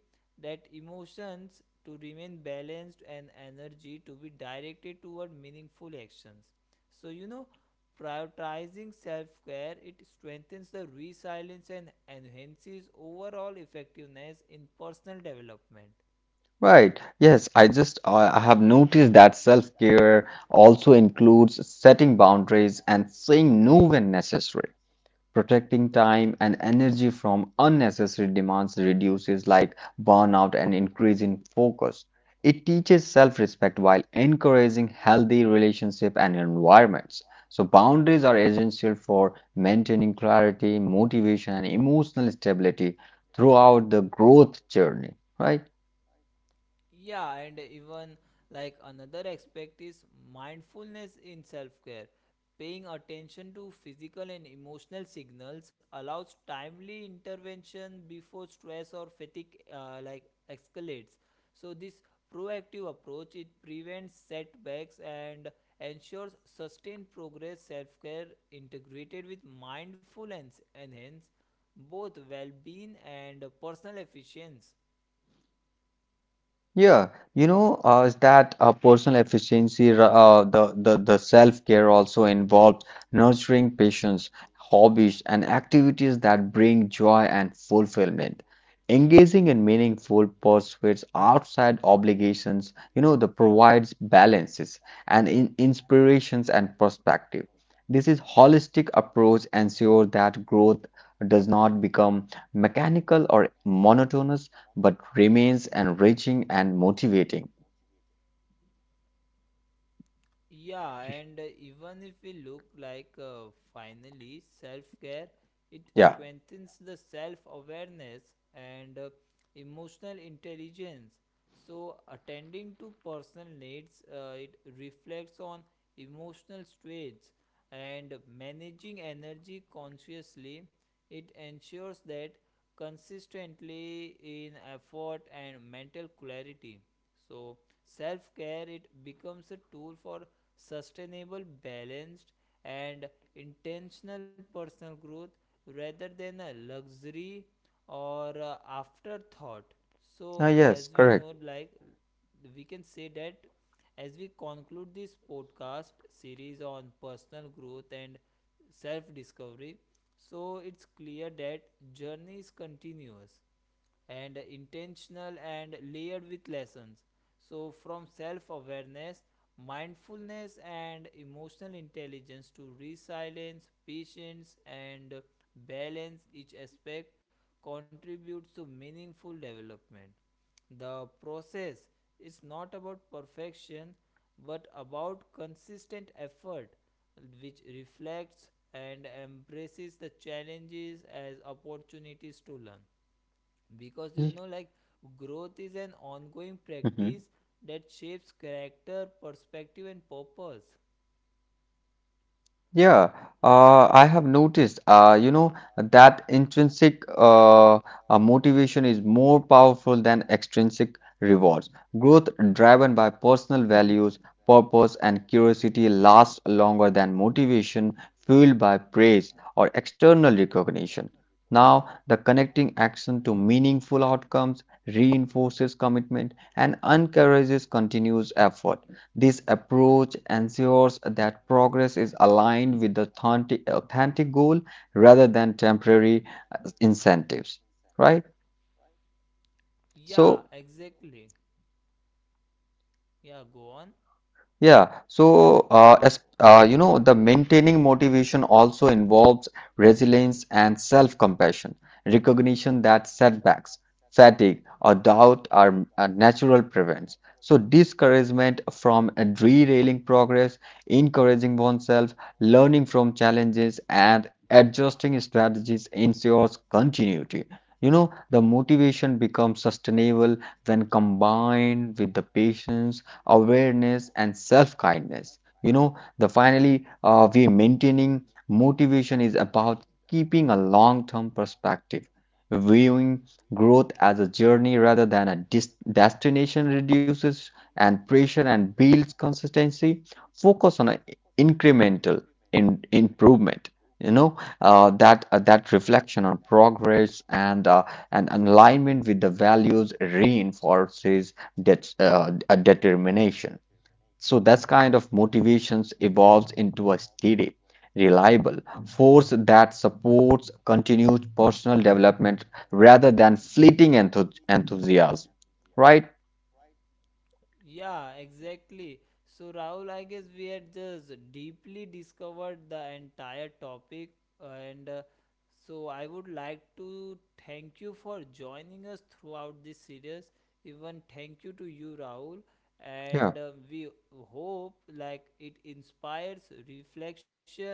Speaker 1: that emotions to remain balanced and energy to be directed toward meaningful actions. So you know, prioritizing self-care it strengthens the resilience and enhances overall effectiveness in personal development.
Speaker 2: Right. Yes, I just uh, I have noticed that self-care also includes setting boundaries and saying no when necessary. Protecting time and energy from unnecessary demands reduces like burnout and increase in focus. It teaches self-respect while encouraging healthy relationship and environments. So boundaries are essential for maintaining clarity, motivation, and emotional stability throughout the growth journey, right?
Speaker 1: Yeah, and even like another aspect is mindfulness in self care. Paying attention to physical and emotional signals allows timely intervention before stress or fatigue uh, like escalates. So this proactive approach it prevents setbacks and ensures sustained progress. Self care integrated with mindfulness enhance both well-being and personal efficiency.
Speaker 2: Yeah, you know, uh, is that uh, personal efficiency, ra- uh, the, the, the self-care also involves nurturing patients, hobbies, and activities that bring joy and fulfillment. Engaging in meaningful pursuits outside obligations, you know, that provides balances and in inspirations and perspective. This is holistic approach ensures that growth does not become mechanical or monotonous but remains enriching and motivating.
Speaker 1: Yeah, and uh, even if we look like, uh, finally self care, it
Speaker 2: Yeah.
Speaker 1: strengthens the self awareness and uh, emotional intelligence. So, attending to personal needs, uh, it reflects on emotional states and managing energy consciously. It ensures that consistently in effort and mental clarity. So, self care it becomes a tool for sustainable, balanced, and intentional personal growth rather than a luxury or a afterthought. So,
Speaker 2: Ah,
Speaker 1: as we
Speaker 2: yes,
Speaker 1: know,
Speaker 2: correct.
Speaker 1: like, we can say that as we conclude this podcast series on personal growth and self discovery, so it's clear that journey is continuous and intentional and layered with lessons. So, from self awareness, mindfulness, and emotional intelligence to resilience, patience, and balance, each aspect contributes to meaningful development. The process is not about perfection but about consistent effort, which reflects and embraces the challenges as opportunities to learn, because you know like growth is an ongoing
Speaker 2: Mhm.
Speaker 1: practice that shapes character perspective and purpose.
Speaker 2: Yeah, uh, I have noticed, uh, you know, that intrinsic uh, uh, motivation is more powerful than extrinsic rewards. Growth driven by personal values, purpose, and curiosity lasts longer than motivation fueled by praise or external recognition. Now, the connecting action to meaningful outcomes reinforces commitment and encourages continuous effort. This approach ensures that progress is aligned with the authentic, authentic goal rather than temporary uh, incentives, right?
Speaker 1: Yeah,
Speaker 2: So,
Speaker 1: exactly. Yeah, go on.
Speaker 2: yeah, so uh, as uh, you know, the maintaining motivation also involves resilience and self-compassion, recognition that setbacks, fatigue, or doubt are uh, natural prevents. So discouragement from uh, derailing progress, encouraging oneself, learning from challenges, and adjusting strategies ensures continuity. You know, the motivation becomes sustainable when combined with the patience awareness and self-kindness. You know, the finally uh, we maintaining motivation is about keeping a long-term perspective, viewing growth as a journey rather than a dis- destination reduces and pressure and builds consistency, focus on a incremental in- improvement. You know, uh, that uh, that reflection on progress and uh, and alignment with the values reinforces that's uh, a determination. So that's kind of motivations evolves into a steady, reliable force that supports continued personal development rather than fleeting enthu- enthusiasm. Right?
Speaker 1: Yeah, exactly. So, Rahul, I guess we had just deeply discovered the entire topic, and uh, so I would like to thank you for joining us throughout this series. Even thank you to you, Rahul,
Speaker 2: Yeah.
Speaker 1: and uh, we hope like it inspires reflection,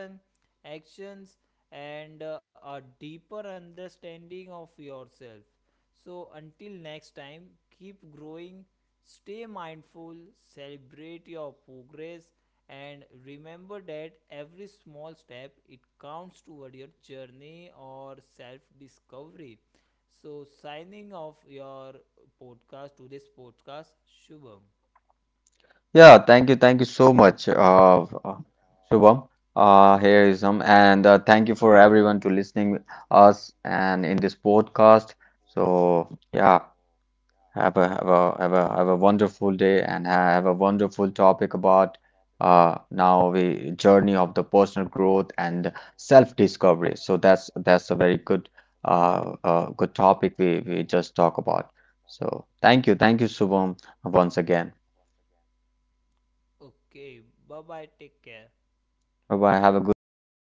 Speaker 1: actions, and uh, a deeper understanding of yourself. So, until next time, keep growing. Stay mindful, celebrate your progress, and remember that every small step it counts toward your journey or self discovery. So, signing off your podcast, today's podcast, Shubham.
Speaker 2: Yeah. Thank you. Thank you so much, uh, uh, Shubham. Uh, here is some, and uh, thank you for everyone to listening us and in this podcast. So yeah. Have a have a have a have a wonderful day and have a wonderful topic about uh now we journey of the personal growth and self-discovery. So that's that's a very good uh, uh good topic we we just talk about. So thank you, thank you, Shubham, once again.
Speaker 1: Okay, bye bye, take care.
Speaker 2: Bye bye. Have a good day. Thank